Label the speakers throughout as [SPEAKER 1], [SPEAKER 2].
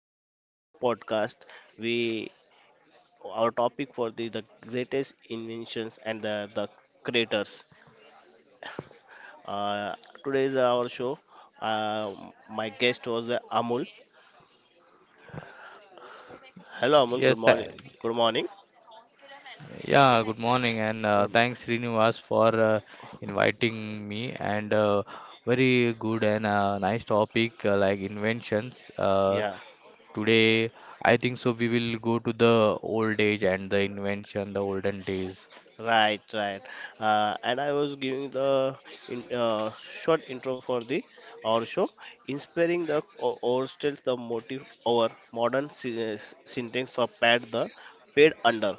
[SPEAKER 1] uh, podcast. We our topic for the greatest inventions and the creators. Uh, Today is our show. Uh, my guest was Amul. Hello Amul. Good
[SPEAKER 2] Yes,
[SPEAKER 1] morning.
[SPEAKER 2] tha-
[SPEAKER 1] Good morning.
[SPEAKER 2] yeah, good morning, and
[SPEAKER 1] Good-
[SPEAKER 2] thanks Srinivas for inviting me. And very good and nice topic like inventions.
[SPEAKER 1] Yeah.
[SPEAKER 2] Today, I think so. We will go to the old age and the invention, the olden days.
[SPEAKER 1] Right, right. And I was giving the in, uh, short intro for the our show, inspiring the overstates the motive over modern syntax of pad the paid under.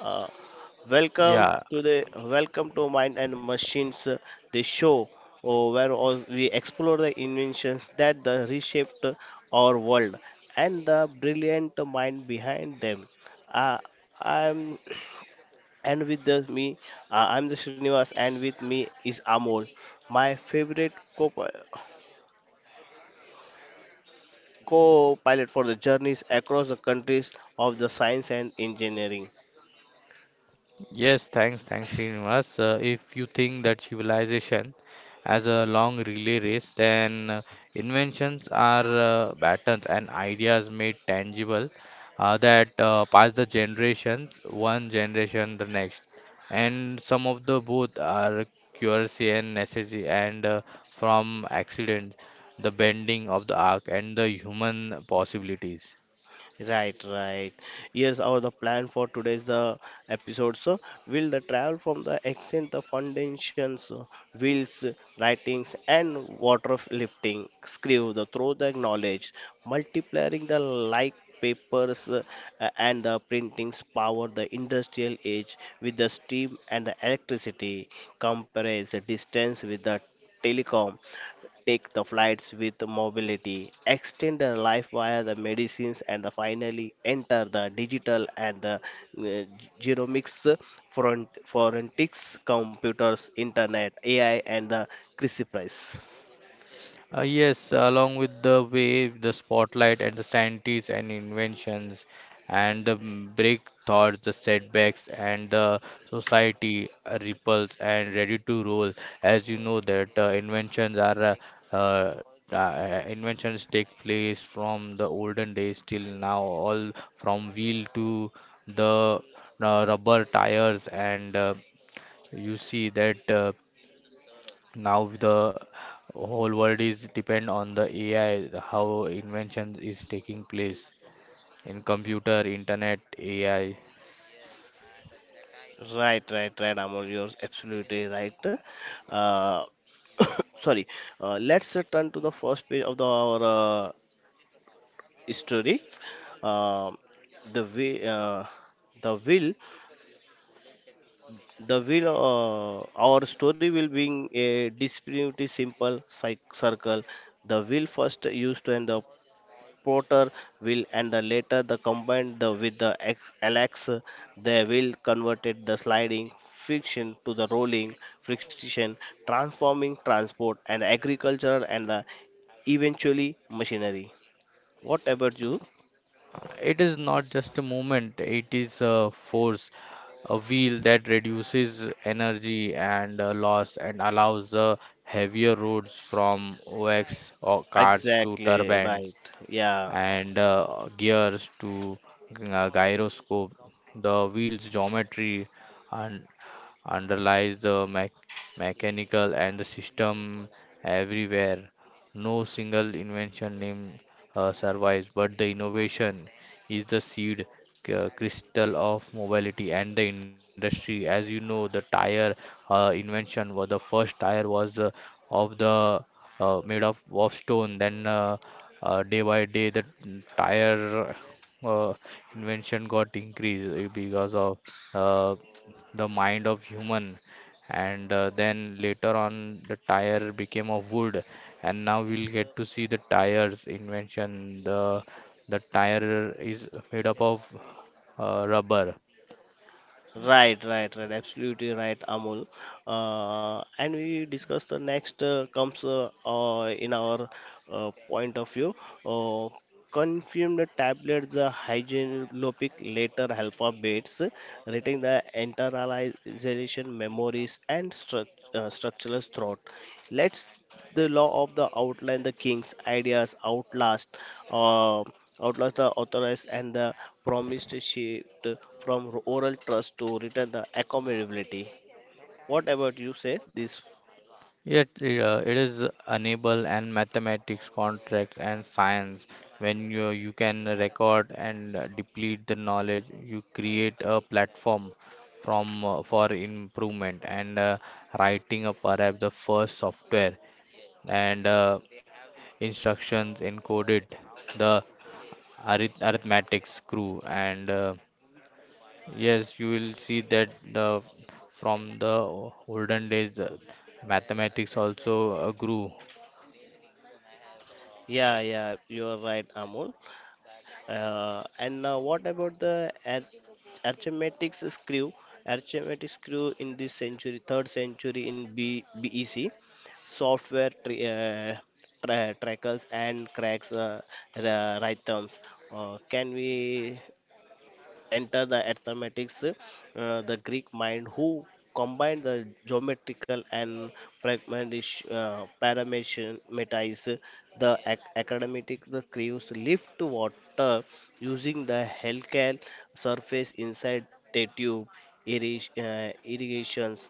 [SPEAKER 1] Uh, Welcome
[SPEAKER 2] Yeah,
[SPEAKER 1] to the welcome to Mind and Machines, the show where we explore the inventions that the reshaped our world and the brilliant mind behind them. Uh, I'm And with me, I'm the Srinivas, and with me is Amol, my favorite co pilot for the journeys across the countries of the science and engineering.
[SPEAKER 2] Yes, thanks, Srinivas. If you think that civilization as a long relay race, then inventions are patterns and ideas made tangible that pass the generations, one generation the next. And some of the both are curiosity and necessity, and from accidents, the bending of the arc and the human possibilities.
[SPEAKER 1] Right, right. Here's our the plan for today's the episode. So will the travel from the accent, the foundations, wheels, writings, and water lifting, screw the throw the knowledge, multiplying the like papers and the printings power the industrial age with the steam and the electricity compares the distance with the telecom take the flights with mobility, extend the life via the medicines, and the finally enter the digital and the uh, genomics, forensics, computers, internet, AI, and the Chrissy Price.
[SPEAKER 2] Yes, along with the wave, the spotlight, and the scientists and inventions, and the break thoughts, the setbacks, and the society ripples and ready to roll. As you know that inventions are uh, inventions take place from the olden days till now, all from wheel to the rubber tires, and you see that now the whole world is depend on the AI, how invention is taking place in computer, internet, AI.
[SPEAKER 1] Right, right, right, Amol, you're absolutely right. Uh, sorry, let's return to the first page of our story. Um the way, the will The will, our story will being a disparity simple circle. The will first used and the porter will and the later the combined the with the Alex they will converted the sliding friction to the rolling friction, transforming transport and agriculture and the eventually machinery. What about you?
[SPEAKER 2] It is not just a movement, it is a force, a wheel that reduces energy and loss and allows the heavier roads from OX or cars to
[SPEAKER 1] Exactly
[SPEAKER 2] turbines
[SPEAKER 1] right. Yeah.
[SPEAKER 2] and gears to gyroscope. The wheel's geometry and underlies the mechanical and the system everywhere. No single invention name survives, but the innovation is the seed crystal of mobility and the industry. As you know, the tire invention was the first tire was of the made of stone. Then day by day, the tire uh, invention got increased because of uh, the mind of human and then later on the tire became of wood and now we'll get to see the tires invention the tire is made up of rubber.
[SPEAKER 1] Right, right, right. Absolutely right, Amol. And we discuss the next comes in our point of view. Uh, Confirm the tablets, the hygienolopic later helper baits, retain the internalization memories and structural throat. Let's the law of the outline the king's ideas outlast uh, outlast the authorized and the promised shift from oral trust to written the accountability. What about you say this?
[SPEAKER 2] Yet it is enable and mathematics contracts and science when you can record and deplete the knowledge you create a platform from for improvement and writing a perhaps the first software and instructions encoded the arithmetic screw and yes you will see that the from the olden days the mathematics also grew.
[SPEAKER 1] Yeah, yeah, you are right Amol. And What about the arithmetic screw? Arithmetic screw in this century, third century in BEC, software tri- uh, trackers and cracks rhythms. Can we enter the arithmetics, the Greek mind who combined the geometrical and parametics, the academic the crews lift water using the helical surface inside the tube irrigations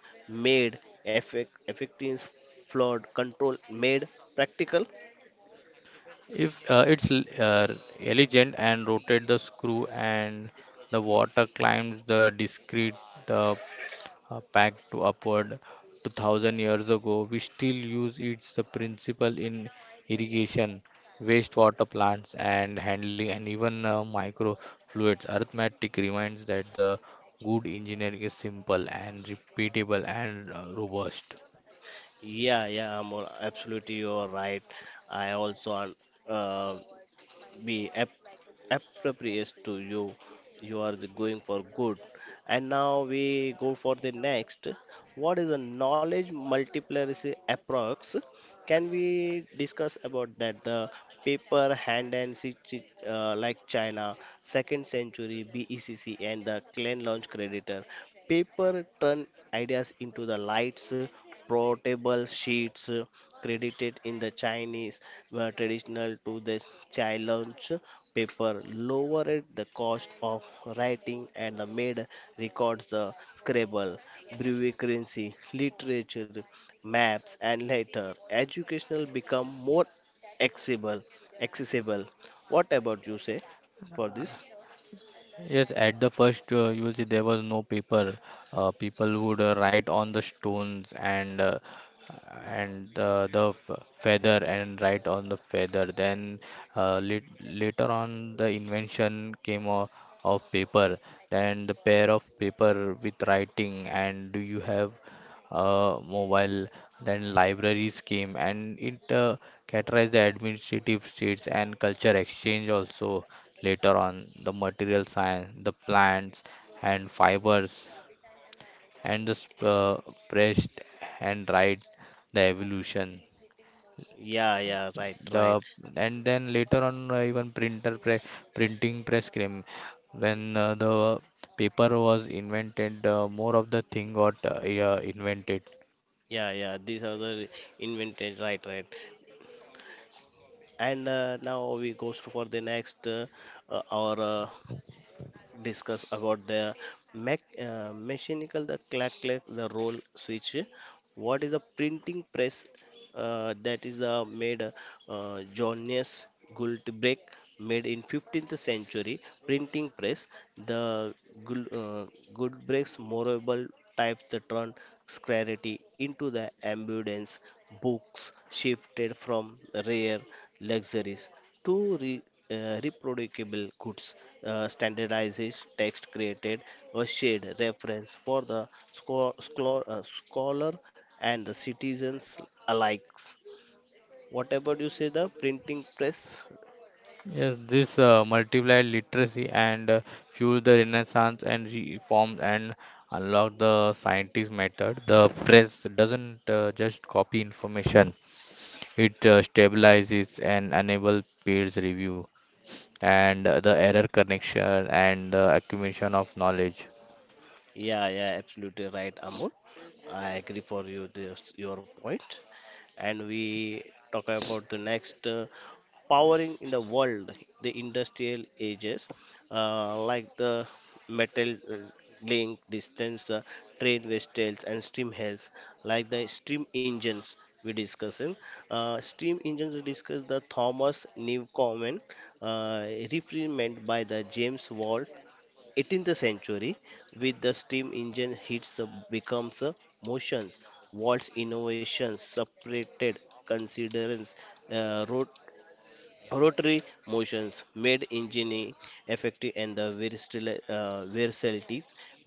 [SPEAKER 1] made effective flood control made practical.
[SPEAKER 2] If uh, it's l- uh, elegant and rotate the screw and the water climbs the discrete the back to upward 2000 years ago, we still use its the principle in irrigation, wastewater plants and handling and even microfluids. Arithmetic reminds that the good engineering is simple and repeatable and robust.
[SPEAKER 1] Yeah, yeah, Amol, absolutely you're right. I also un- uh, be ap- Appropriate to you. You are the going for good. And now we go for the next. What is the knowledge multiplicacy approx? Can we discuss about that? The paper hand and like China, second century BECC, and the clan launch creditor. Paper turn ideas into the lights portable sheets credited in the Chinese were traditional to the challenge paper, lowered the cost of writing and the made records the Scrabble, breviary currency, literature, maps and later educational become more accessible accessible. What about you say for this?
[SPEAKER 2] Yes, at the first, you will see there was no paper. People would write on the stones and the feather and write on the feather. Then lit later on, the invention came of paper. Then the pair of paper with writing. And do you have mobile? Then libraries came, and it categorized the administrative states and culture exchange also later on the material science, the plants and fibers, and the pressed and right the evolution.
[SPEAKER 1] Yeah, yeah, right, right.
[SPEAKER 2] The and then later on even printer pre printing press cream when the paper was invented, more of the thing got yeah, invented.
[SPEAKER 1] Yeah, yeah, these are the invented, right, right. And now we goes for the next our discuss about the mechanical, the clack clack, the roll switch. What is a printing press? That is made Johannes Gutenberg made in 15th century printing press. The Gul- uh, Gutenberg's memorable type the turned scarcity into the abundance. Books shifted from rare luxuries. Two re, reproducible goods, standardized text created a shared reference for the scholar and the citizens alike. What about you say the printing press?
[SPEAKER 2] Yes, this multiplied literacy and fueled the Renaissance and reforms and unlocked the scientific method. The press doesn't just copy information; it stabilizes and enables peers review and the error correction and the accumulation of knowledge.
[SPEAKER 1] Yeah, yeah, absolutely right, Amol. I agree for you this your point. And we talk about the next powering in the world, the industrial ages, like the metal link distance, train vessels, and steam heads, like the steam engines we discussing. Steam engines we discuss the Thomas Newcomen, uh, referred by the James Wall 18th century with the steam engine hits the becomes a motions, waltz innovations separated considers uh, rot- rotary motions made engineering effective and the versatility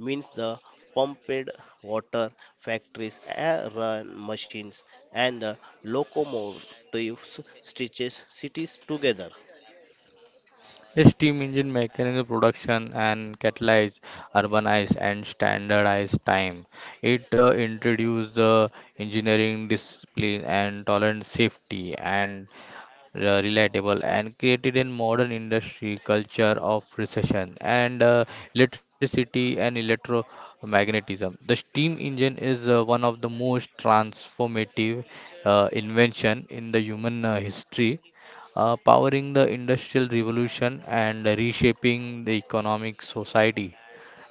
[SPEAKER 1] means the pumped water factories air run machines and the locomotives stitches cities together.
[SPEAKER 2] A steam engine mechanical production and catalyze, urbanize, and standardize time. It introduced the engineering discipline and tolerant safety and relatable and created a modern industry culture of precision and electricity and electromagnetism. The steam engine is one of the most transformative invention in the human history, powering the industrial revolution and reshaping the economic society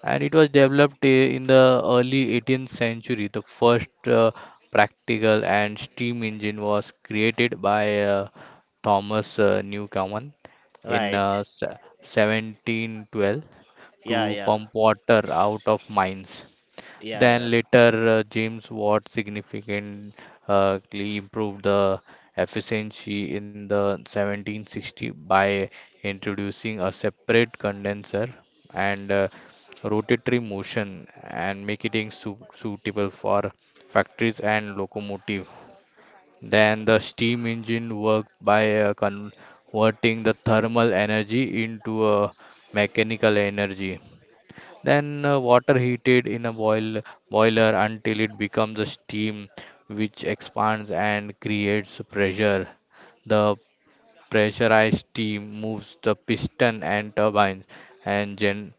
[SPEAKER 2] and it was developed in the early 18th century. The first practical and steam engine was created by Thomas Newcomen in
[SPEAKER 1] Right.
[SPEAKER 2] 1712
[SPEAKER 1] Yeah,
[SPEAKER 2] to
[SPEAKER 1] yeah.
[SPEAKER 2] pump water out of mines.
[SPEAKER 1] Yeah, yeah.
[SPEAKER 2] Then later, James Watt significantly improved the efficiency in the 1760 by introducing a separate condenser and rotatory motion and making suitable for factories and locomotive. Then the steam engine worked by converting the thermal energy into a mechanical energy. Then water heated in a boiler until it becomes a steam which expands and creates pressure. The pressurized steam moves the piston and turbines and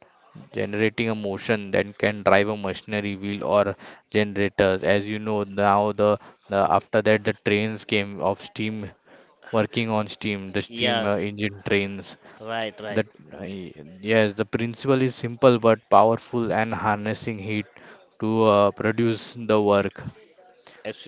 [SPEAKER 2] generating a motion that can drive a machinery wheel or generators. As you know the after that the trains came of steam working on steam, the steam
[SPEAKER 1] Yes,
[SPEAKER 2] engine trains.
[SPEAKER 1] right, right.
[SPEAKER 2] That I- yes, the principle is simple but powerful and harnessing heat to produce the work.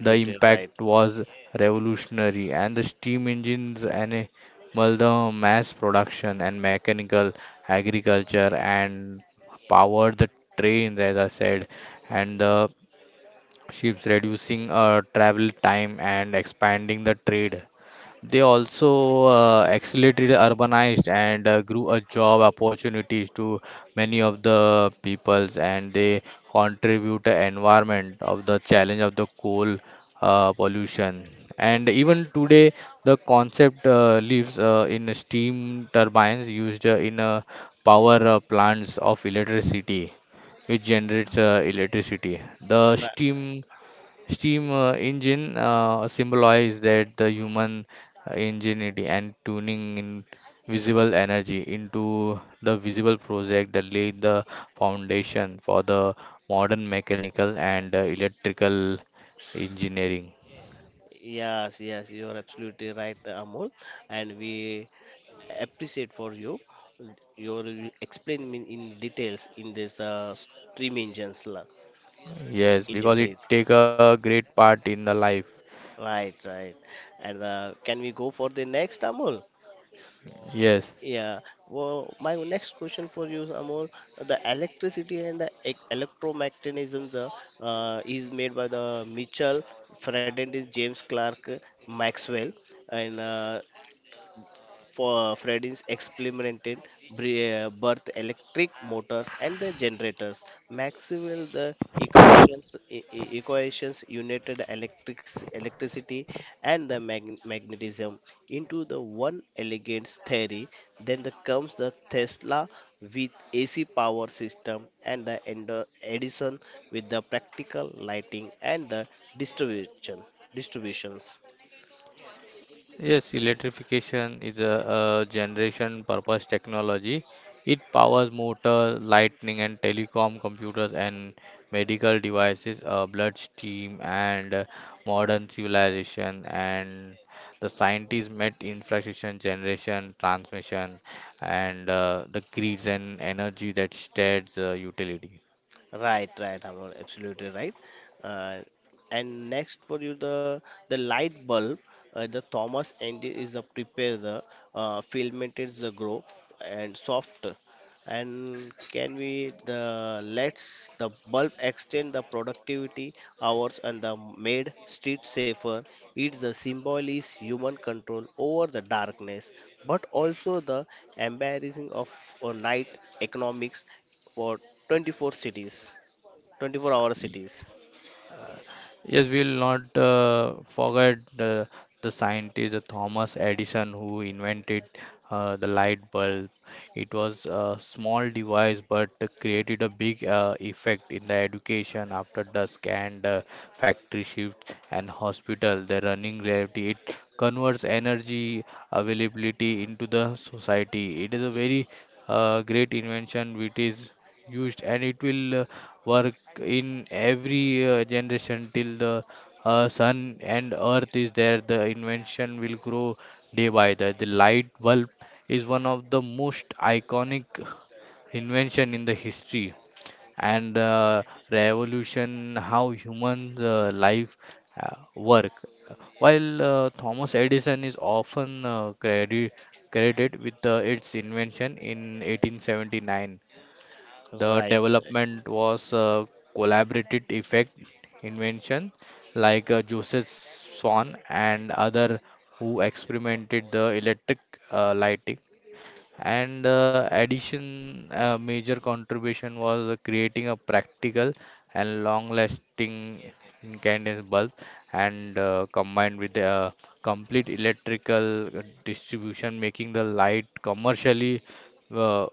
[SPEAKER 2] The impact
[SPEAKER 1] right.
[SPEAKER 2] was revolutionary, and the steam engines enabled the mass production and mechanical agriculture and powered the trains, as I said, and the ships, reducing travel time and expanding the trade. They also accelerated urbanized and grew a job opportunities to many of the peoples and they contribute to environment of the challenge of the coal pollution. And even today, the concept lives in steam turbines used in power plants of electricity, which generates electricity. The
[SPEAKER 1] Ra-
[SPEAKER 2] steam Steam engine symbolize that the human ingenuity and tuning in visible energy into the visible project that laid the foundation for the modern mechanical and electrical engineering.
[SPEAKER 1] Yes, yes, you are absolutely right, Amol, and we appreciate for you your explain me in details in this stream engines in
[SPEAKER 2] Yes,
[SPEAKER 1] a
[SPEAKER 2] because
[SPEAKER 1] brief.
[SPEAKER 2] it take a great part in the life.
[SPEAKER 1] Right, right. And can we go for the next, Amol?
[SPEAKER 2] Yes.
[SPEAKER 1] Yeah. Well, my next question for you, Amol, the electricity and the electromagnetisms is made by the Mitchell, Fred and James Clerk Maxwell, and for Freddy's experimented birth electric motors and the generators. Maxwell the equations equations united electrics electricity and the magnetism into the one elegant theory. Then the comes the Tesla with AC power system and the Edison with the practical lighting and the distribution distributions.
[SPEAKER 2] Yes, electrification is a, generation purpose technology. It powers motor, lightning, and telecom computers and medical devices, bloodstream, and modern civilization. And the scientists met infrastructure generation, transmission, and the grids and energy that states utility.
[SPEAKER 1] Right, right, Amol, absolutely right. Uh, and next for you the light bulb, the Thomas engine is the prepare the filament is the grow and soft, and can we the let's the bulb extend the productivity hours and the made street safer. It's the symbol is human control over the darkness, but also the embarrassing of night economics for 24 cities, 24-hour cities.
[SPEAKER 2] Yes, we will not forget the scientist Thomas Edison who invented the light bulb. It was a small device but created a big effect in the education after dusk and factory shift and hospital. The running gravity it converts energy availability into the society. It is a
[SPEAKER 1] Y-
[SPEAKER 2] very great invention which is used and it will work in every generation till the sun and earth is there. The invention will grow day by day. The light bulb is one of the most iconic invention in the history and revolution how humans life work. While Thomas Edison is often credited with its invention in 1879, the
[SPEAKER 1] Right. Right.
[SPEAKER 2] development was a collaborative effect invention like Joseph Swan and other who experimented the electric lighting and addition, major contribution was creating a practical and long-lasting incandescent bulb, and combined with the complete electrical distribution, making the light commercially uh,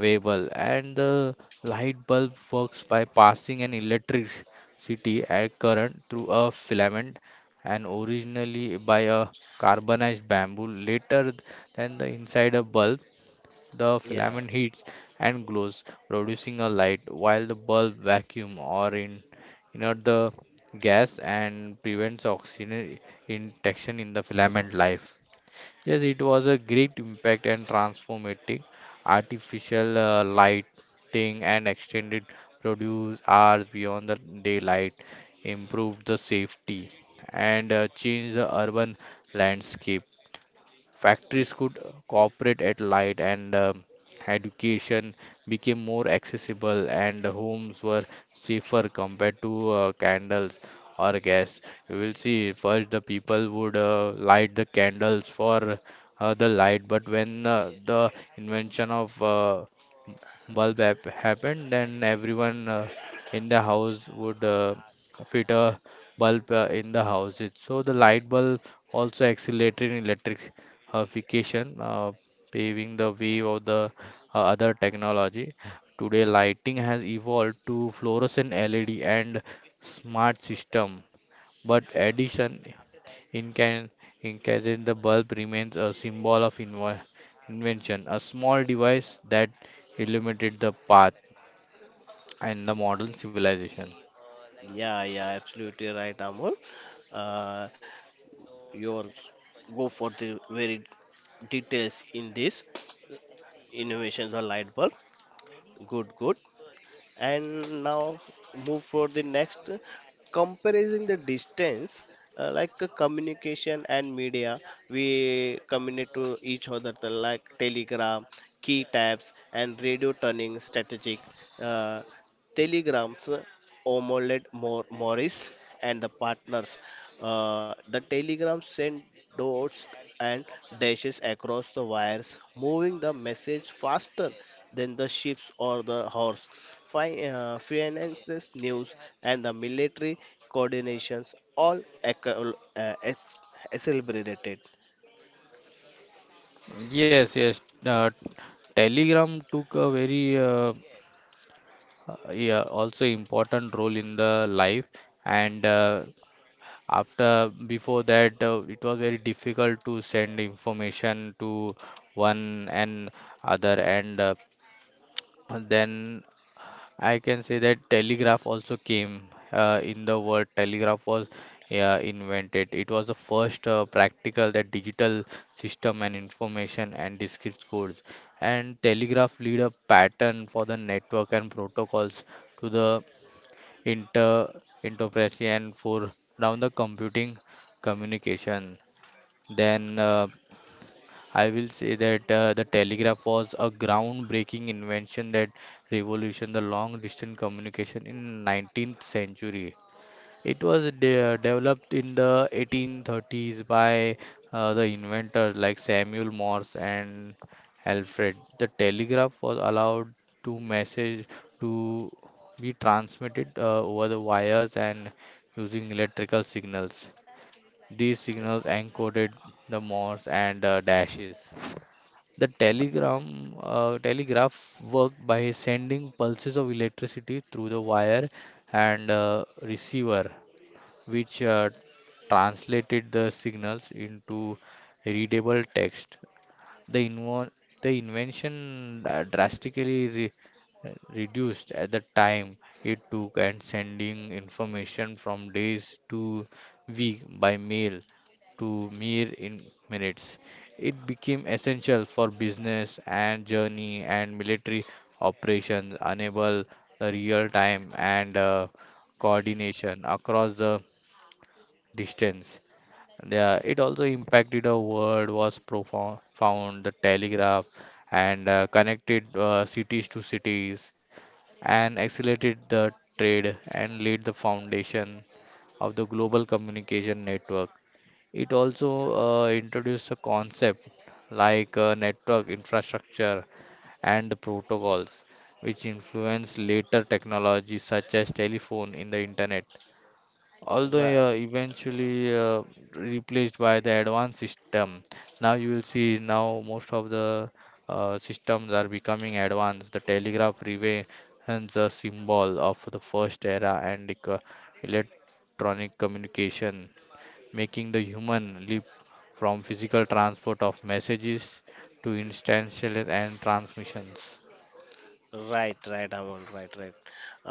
[SPEAKER 2] viable. And the light bulb works by passing an electricity at current through a filament and originally by a carbonized bamboo later than the inside a bulb the
[SPEAKER 1] Yeah.
[SPEAKER 2] filament heats and glows, producing a light, while the bulb vacuum or inert the gas and prevents oxygen injection in the filament life. Yes, it was a great impact and transformative artificial lighting and extended produce hours beyond the daylight, improved the safety and changed the urban landscape.
[SPEAKER 1] Y-
[SPEAKER 2] Factories could cooperate at light, and education became more accessible, and homes were safer compared to candles or gas. You will see first the people would light the candles for the light, but when the invention of bulb happened, then everyone in the house would fit a bulb in the house. It, so the light bulb also accelerated in electrification, paving the way of the other technology. Today, lighting has evolved to fluorescent LED and smart system, but addition Incan- Incated the bulb remains a symbol of invention, a small device that illuminated the path and the modern civilization.
[SPEAKER 1] Yeah, yeah, absolutely right, Amol. Uh, your go for the very details in this innovations or light bulb. Good, good. And now move for the next comparing the distance like a communication and media. We communicate to each other the like telegram key taps, and radio turning strategic uh, telegrams OMOLED Morris and the partners. The telegram sent dots and dashes across the wires, moving the message faster than the ships or the horse, finances, news, and the military coordinations all accelerated.
[SPEAKER 2] Yes, yes. Uh, Telegram took a very yeah, also important role in the life and after before that it was very difficult to send information to one and other and then I can say that telegraph also came in the word telegraph was invented. It was the first practical that digital system and information and discrete codes. And telegraph lead a pattern for the network and protocols to the inter enterprise and for down the computing communication. Then I will say that the telegraph was a groundbreaking invention that revolutionized the long distance communication in 19th century. It was de developed in the 1830s by the inventors like Samuel Morse and Alfred. The telegraph was allowed to message to be transmitted over the wires and using electrical signals. These signals encoded the Morse and dashes. The telegraph worked by sending pulses of electricity through the wire and receiver, which translated the signals into readable text. The, invo- the invention drastically reduced at the time it took and sending information from days to week by mail to mere in minutes. It became essential for business and journey and military operations, enable the real time and coordination across the distance. Yeah, it also impacted our world was profound. Found the telegraph and connected cities to cities and accelerated the trade and laid the foundation of the global communication network. It also introduced a concept like network infrastructure and the protocols, which influenced later technologies such as telephone in the internet
[SPEAKER 1] Ra-
[SPEAKER 2] although eventually replaced by the advanced system. Now you will see now most of the systems are becoming advanced. The telegraph relay and the symbol of the first era and electronic communication, making the human leap from physical transport of messages to instantaneous and transmissions.
[SPEAKER 1] Right, right, Amol, right, right.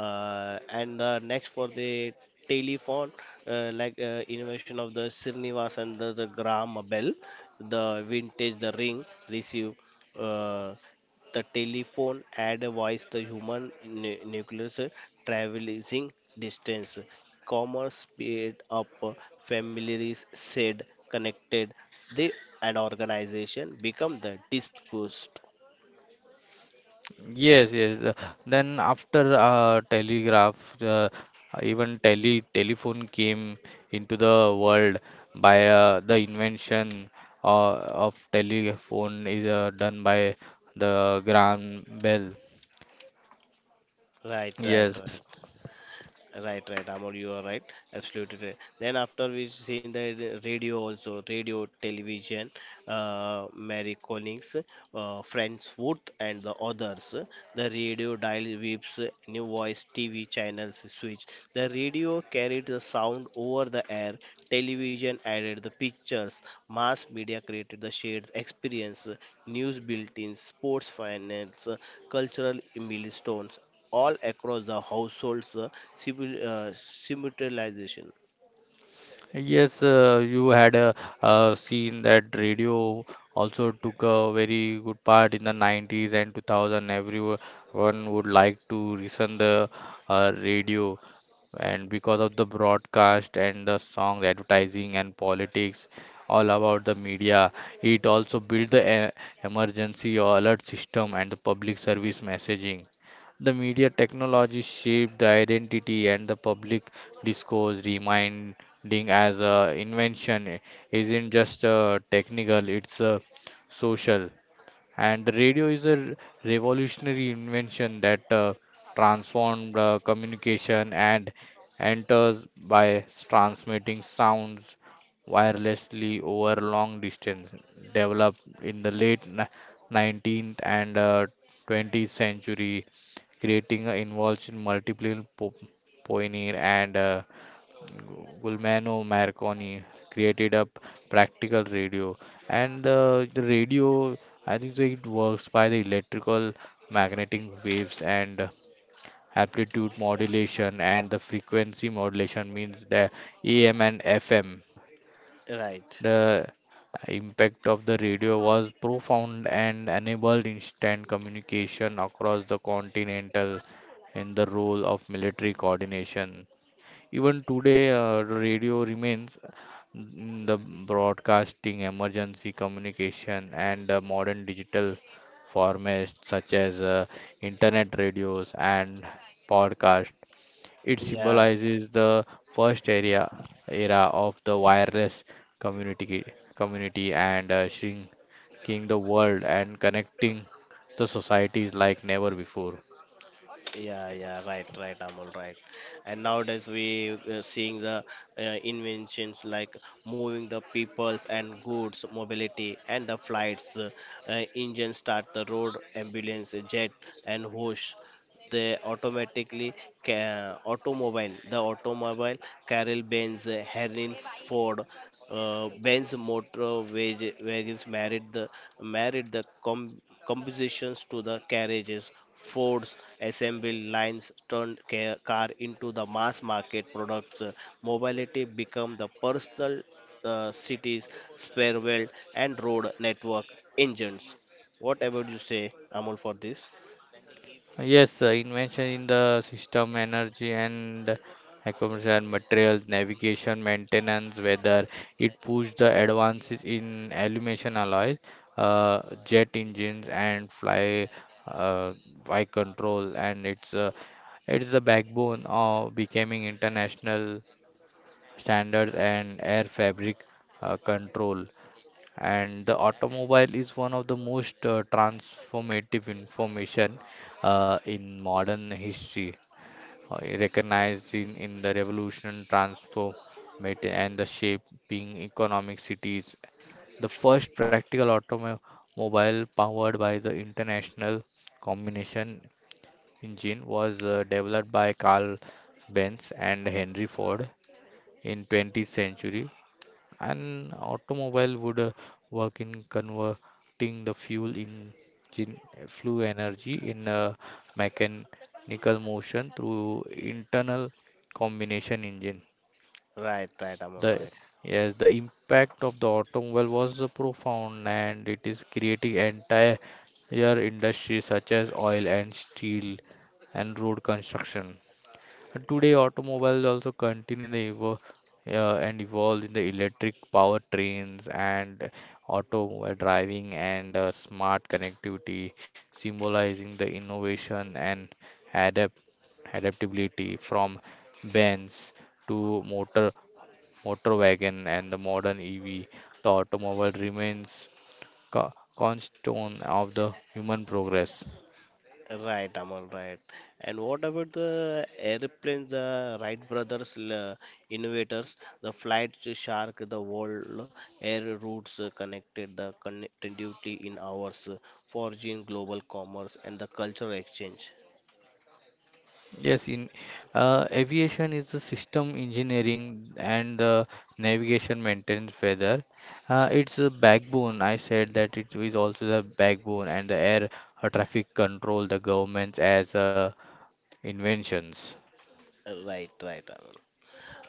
[SPEAKER 1] And Next for the telephone, like invention of the Srinivas and the gram bell, the vintage, the ring, receive. Uh, the telephone add a voice, the human nucleus traveling distance. Commerce speed up, families said connected, they and organization become the dispersed.
[SPEAKER 2] Yes, yes. Then after telegraph, even telephone came into the world by the invention uh, of telephone is done by the Graham Bell.
[SPEAKER 1] Right, right,
[SPEAKER 2] Yes.
[SPEAKER 1] right. Right, right, Amol, you are right. Absolutely right. Then after we seen the radio also, radio, television, Mary Collins, Friends Wood and the others. The radio dial whips, new voice, TV channels switch. The radio carried the sound over the air. Television added the pictures. Mass media created the shared experience. News bulletins, sports finance, cultural milestones, all across the households simultaneization.
[SPEAKER 2] Yes, you had a, seen that radio also took a very good part in the 90s and 2000. Everyone would like to listen the radio, and because of the broadcast and the songs, advertising and politics, all about the media, it also built the emergency or alert system and the public service messaging. The media technology shaped the identity and the public discourse, remind Ding as a invention isn't just a technical, it's a social. And the radio is a revolutionary invention that transformed communication and enters by transmitting sounds wirelessly over long distance, developed in the late 19th and 20th century, creating an involved in multiple pioneer and Gulmano Marconi created a practical radio, and the radio, I think so it works by the electrical magnetic waves and amplitude modulation and the frequency modulation means the AM and FM.
[SPEAKER 1] Right.
[SPEAKER 2] The impact of the radio was profound and enabled instant communication across the continental in the role of military coordination. Even today, radio remains in the broadcasting, emergency communication, and modern digital formats such as internet radios and podcast. It
[SPEAKER 1] Yeah,
[SPEAKER 2] symbolizes the first area era of the wireless community and shrinking the world and connecting the societies like never before.
[SPEAKER 1] yeah. Yeah, right, right, Amol, right. And nowadays we seeing the inventions like moving the peoples and goods mobility and the flights engine start the road ambulance jet and whoosh they automatically automobile Carroll Benz Henry Ford, Benz Wagons, married the married the com- compositions to the carriages. Ford's assembly lines turned car into the mass market products. Mobility become the personal cities, spare wheel and road network engines. What about you say, Amul, for this?
[SPEAKER 2] Yes, invention in the system, energy and accommodation, materials, navigation, maintenance, weather. It pushed the advances in illumination alloys, jet engines, and fly uh, flight control. And it's the backbone of becoming international standards and air fabric control. And the automobile is one of the most transformative information in modern history, recognized in the revolution transform and the shaping economic cities. The first practical automobile powered by the international combination engine was developed by Carl Benz and Henry Ford in 20th century. An automobile would work in converting the fuel engine fluid energy in a mechanical motion through internal combination engine.
[SPEAKER 1] Right, right, Amul,
[SPEAKER 2] The
[SPEAKER 1] right.
[SPEAKER 2] yes, the impact of the automobile was profound, and it is creating entire industries such as oil and steel and road construction. And today, automobiles also continue the evo and evolve in the electric powertrains and automobile driving and smart connectivity, symbolizing the innovation and adapt adaptability from Benz to motor wagon and the modern EV. The automobile remains cornerstone of the human progress.
[SPEAKER 1] Right, Amal, right. And what about the airplanes, the Wright brothers, innovators, the flight to shark, the world air routes connected the connectivity in hours, forging global commerce and the cultural exchange.
[SPEAKER 2] Yes, in aviation is the system engineering and the navigation maintenance weather. It's a backbone. I said that it is also the backbone and the air traffic control, the government's as inventions.
[SPEAKER 1] Right, right, Amal.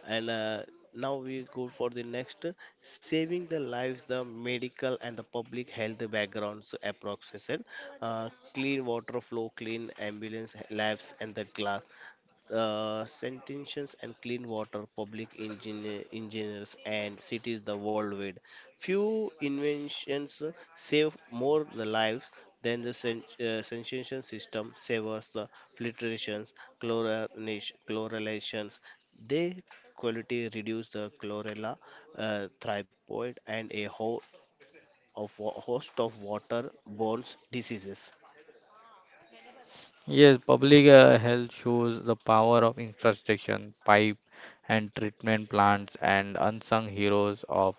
[SPEAKER 1] And now we go for the next, saving the lives, the medical and the public health backgrounds approximation, clean water flow, clean ambulance labs and the glass, sanitation and clean water, public engineer, engineers and cities the worldwide. Few inventions save more the lives than the sanitation system saves the filtrations, chlorination, chlorinations. They quality reduce the chlorella thyroid and a host of waterborne diseases.
[SPEAKER 2] Yes, public health shows the power of infrastructure, pipe and treatment plants and unsung heroes of,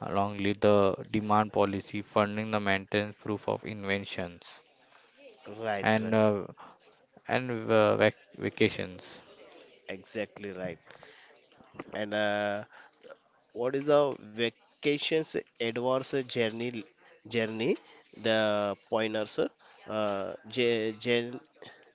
[SPEAKER 2] along with the demand policy funding the maintenance proof of inventions.
[SPEAKER 1] Right,
[SPEAKER 2] And
[SPEAKER 1] right,
[SPEAKER 2] uh, and vacations.
[SPEAKER 1] exactly right. And what is the vacations advance journey the pointers uh, gen, gen,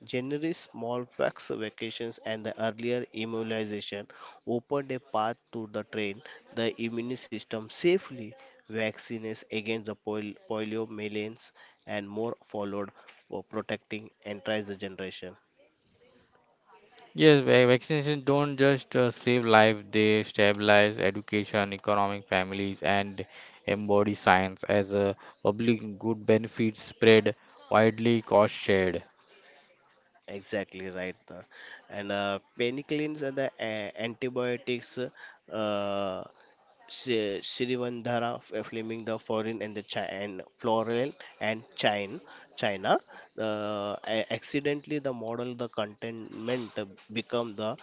[SPEAKER 1] generally small packs vacations and the earlier immunization opened a path to the train the immune system safely, vaccines against the polio millions and more followed for protecting entire generation.
[SPEAKER 2] Yes, vaccinations don't just save life; they stabilize education, economic families, and embody science as a public good benefit spread widely, cost shared.
[SPEAKER 1] Exactly right. And Penicillins and the antibiotics, Shrivandara Fleming, the foreign and the chi and floral and China. Accidentally, the model, the contentment become the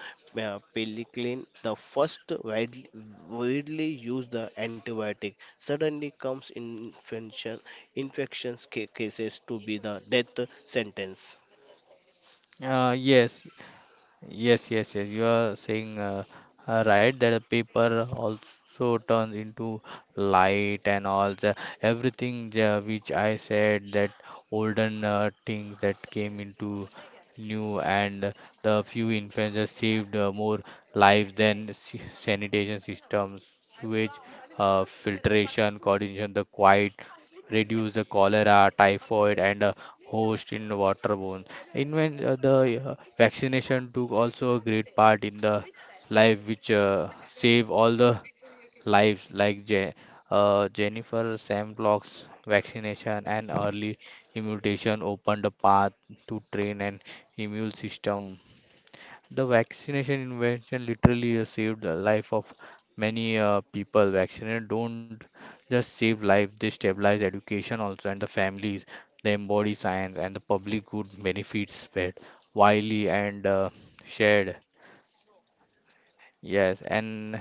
[SPEAKER 1] penicillin, the first widely used the antibiotic. Suddenly comes infections cases to be the death sentence.
[SPEAKER 2] Uh, yes, Yes, yes, yes. You are saying right that the paper also turns into light and all the everything which I said that olden things that came into new, and the few influences saved more lives than sanitation systems, sewage, filtration, coordination, the quiet, reduce the cholera, typhoid, and host in waterborne. Invent the Vaccination took also a great part in the life which save all the lives like Jennifer Sam Block's vaccination and early immunization opened a path to train an immune system. The vaccination invention literally saved the life of many people. Vaccination don't just save life, they stabilize education also and the families. They embody science and the public good benefits spread widely and shared. Yes,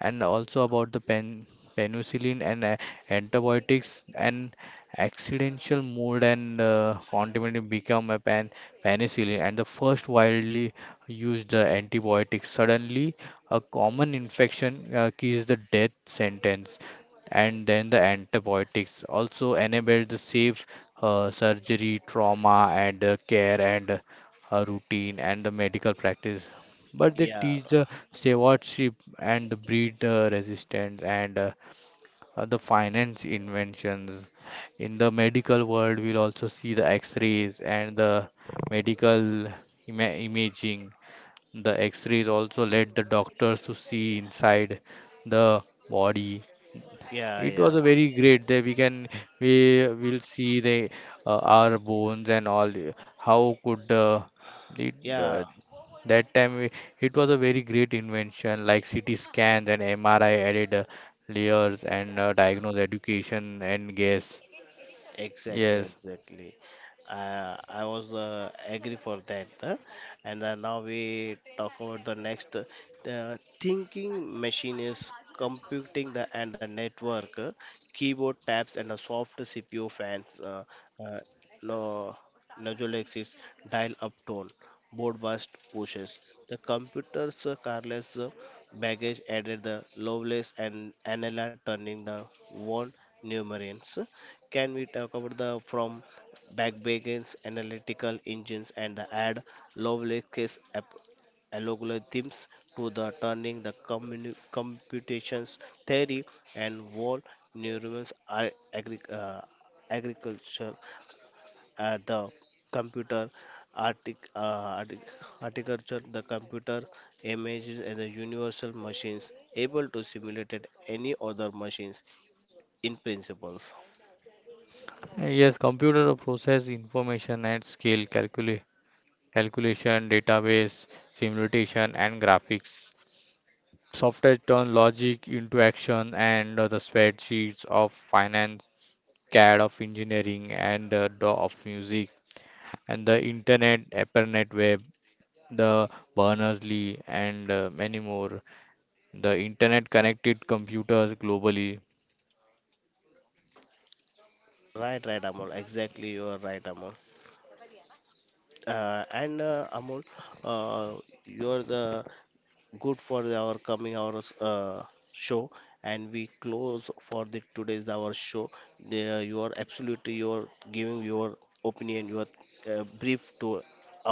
[SPEAKER 2] and also about penicillin and antibiotics, and accidental mold and condiment become a penicillin, and the first widely used antibiotic. Suddenly, a common infection is the death sentence, and then the antibiotics also enable the safe surgery trauma and care and routine and the medical practice, but they
[SPEAKER 1] Yeah.
[SPEAKER 2] teach the stewardship and breed resistance and the finance inventions. In the medical world, we'll also see the X-rays and the medical imaging. The X-rays also led the doctors to see inside the body.
[SPEAKER 1] Yeah, yeah,
[SPEAKER 2] It
[SPEAKER 1] yeah.
[SPEAKER 2] was a very great day. We will see the our bones and all. How could it, uh,
[SPEAKER 1] Yeah.
[SPEAKER 2] that time we, It was a very great invention, like CT scans and MRI added layers and diagnose education and guess.
[SPEAKER 1] Exactly,
[SPEAKER 2] Yes,
[SPEAKER 1] exactly. I was agree for that. And Now we talk about the next. The thinking machine is computing the and the network, keyboard tabs and the soft CPU fans. Uh, no, Nodulix is dial-up tone, board bust pushes. The computer's carless baggage added the loveless and Anela turning the one numerans. Can we talk about the from backbreakers, analytical engines, and the ad Lovelace's algorithms to the turning the computations theory and wall neurons are agriculture, the computer artic- uh, artic- architecture, the computer images and the universal machines able to simulate any other machines in principles.
[SPEAKER 2] Yes, computer process information at scale, calculation, database, simulation, and graphics. Software turn logic into action and the spreadsheets of finance, CAD of engineering, and the of music, and the internet, AppNet web the Berners-Lee, and many more. The internet connected computers globally.
[SPEAKER 1] Right, right, Amol. Exactly, you are right, Amol. And Amol, uh, you are the good for the- our coming our uh, show, and we close for the today's our show. There you are absolutely, you are giving your opinion, your brief to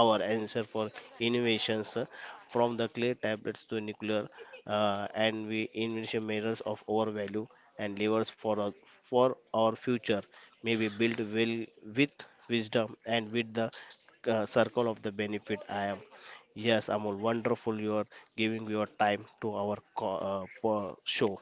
[SPEAKER 1] our answer for innovations, from the clay tablets to nuclear, and we invention measures of our value and levers for for our future. May be built well with wisdom and with the circle of the benefit. I am. Yes, Amol, wonderful you are giving your time to our show.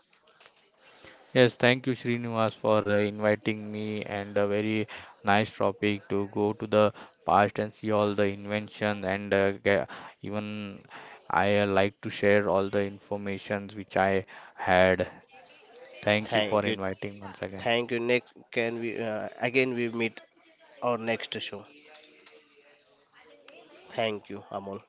[SPEAKER 2] Yes, thank you, Srinivas, for inviting me and a very nice topic to go to the past and see all the invention and even I like to share all the informations which I had. Thank you for
[SPEAKER 1] Thank you.
[SPEAKER 2] inviting once again.
[SPEAKER 1] Thank you. Next, can we again we meet our next show. Thank you, Amol.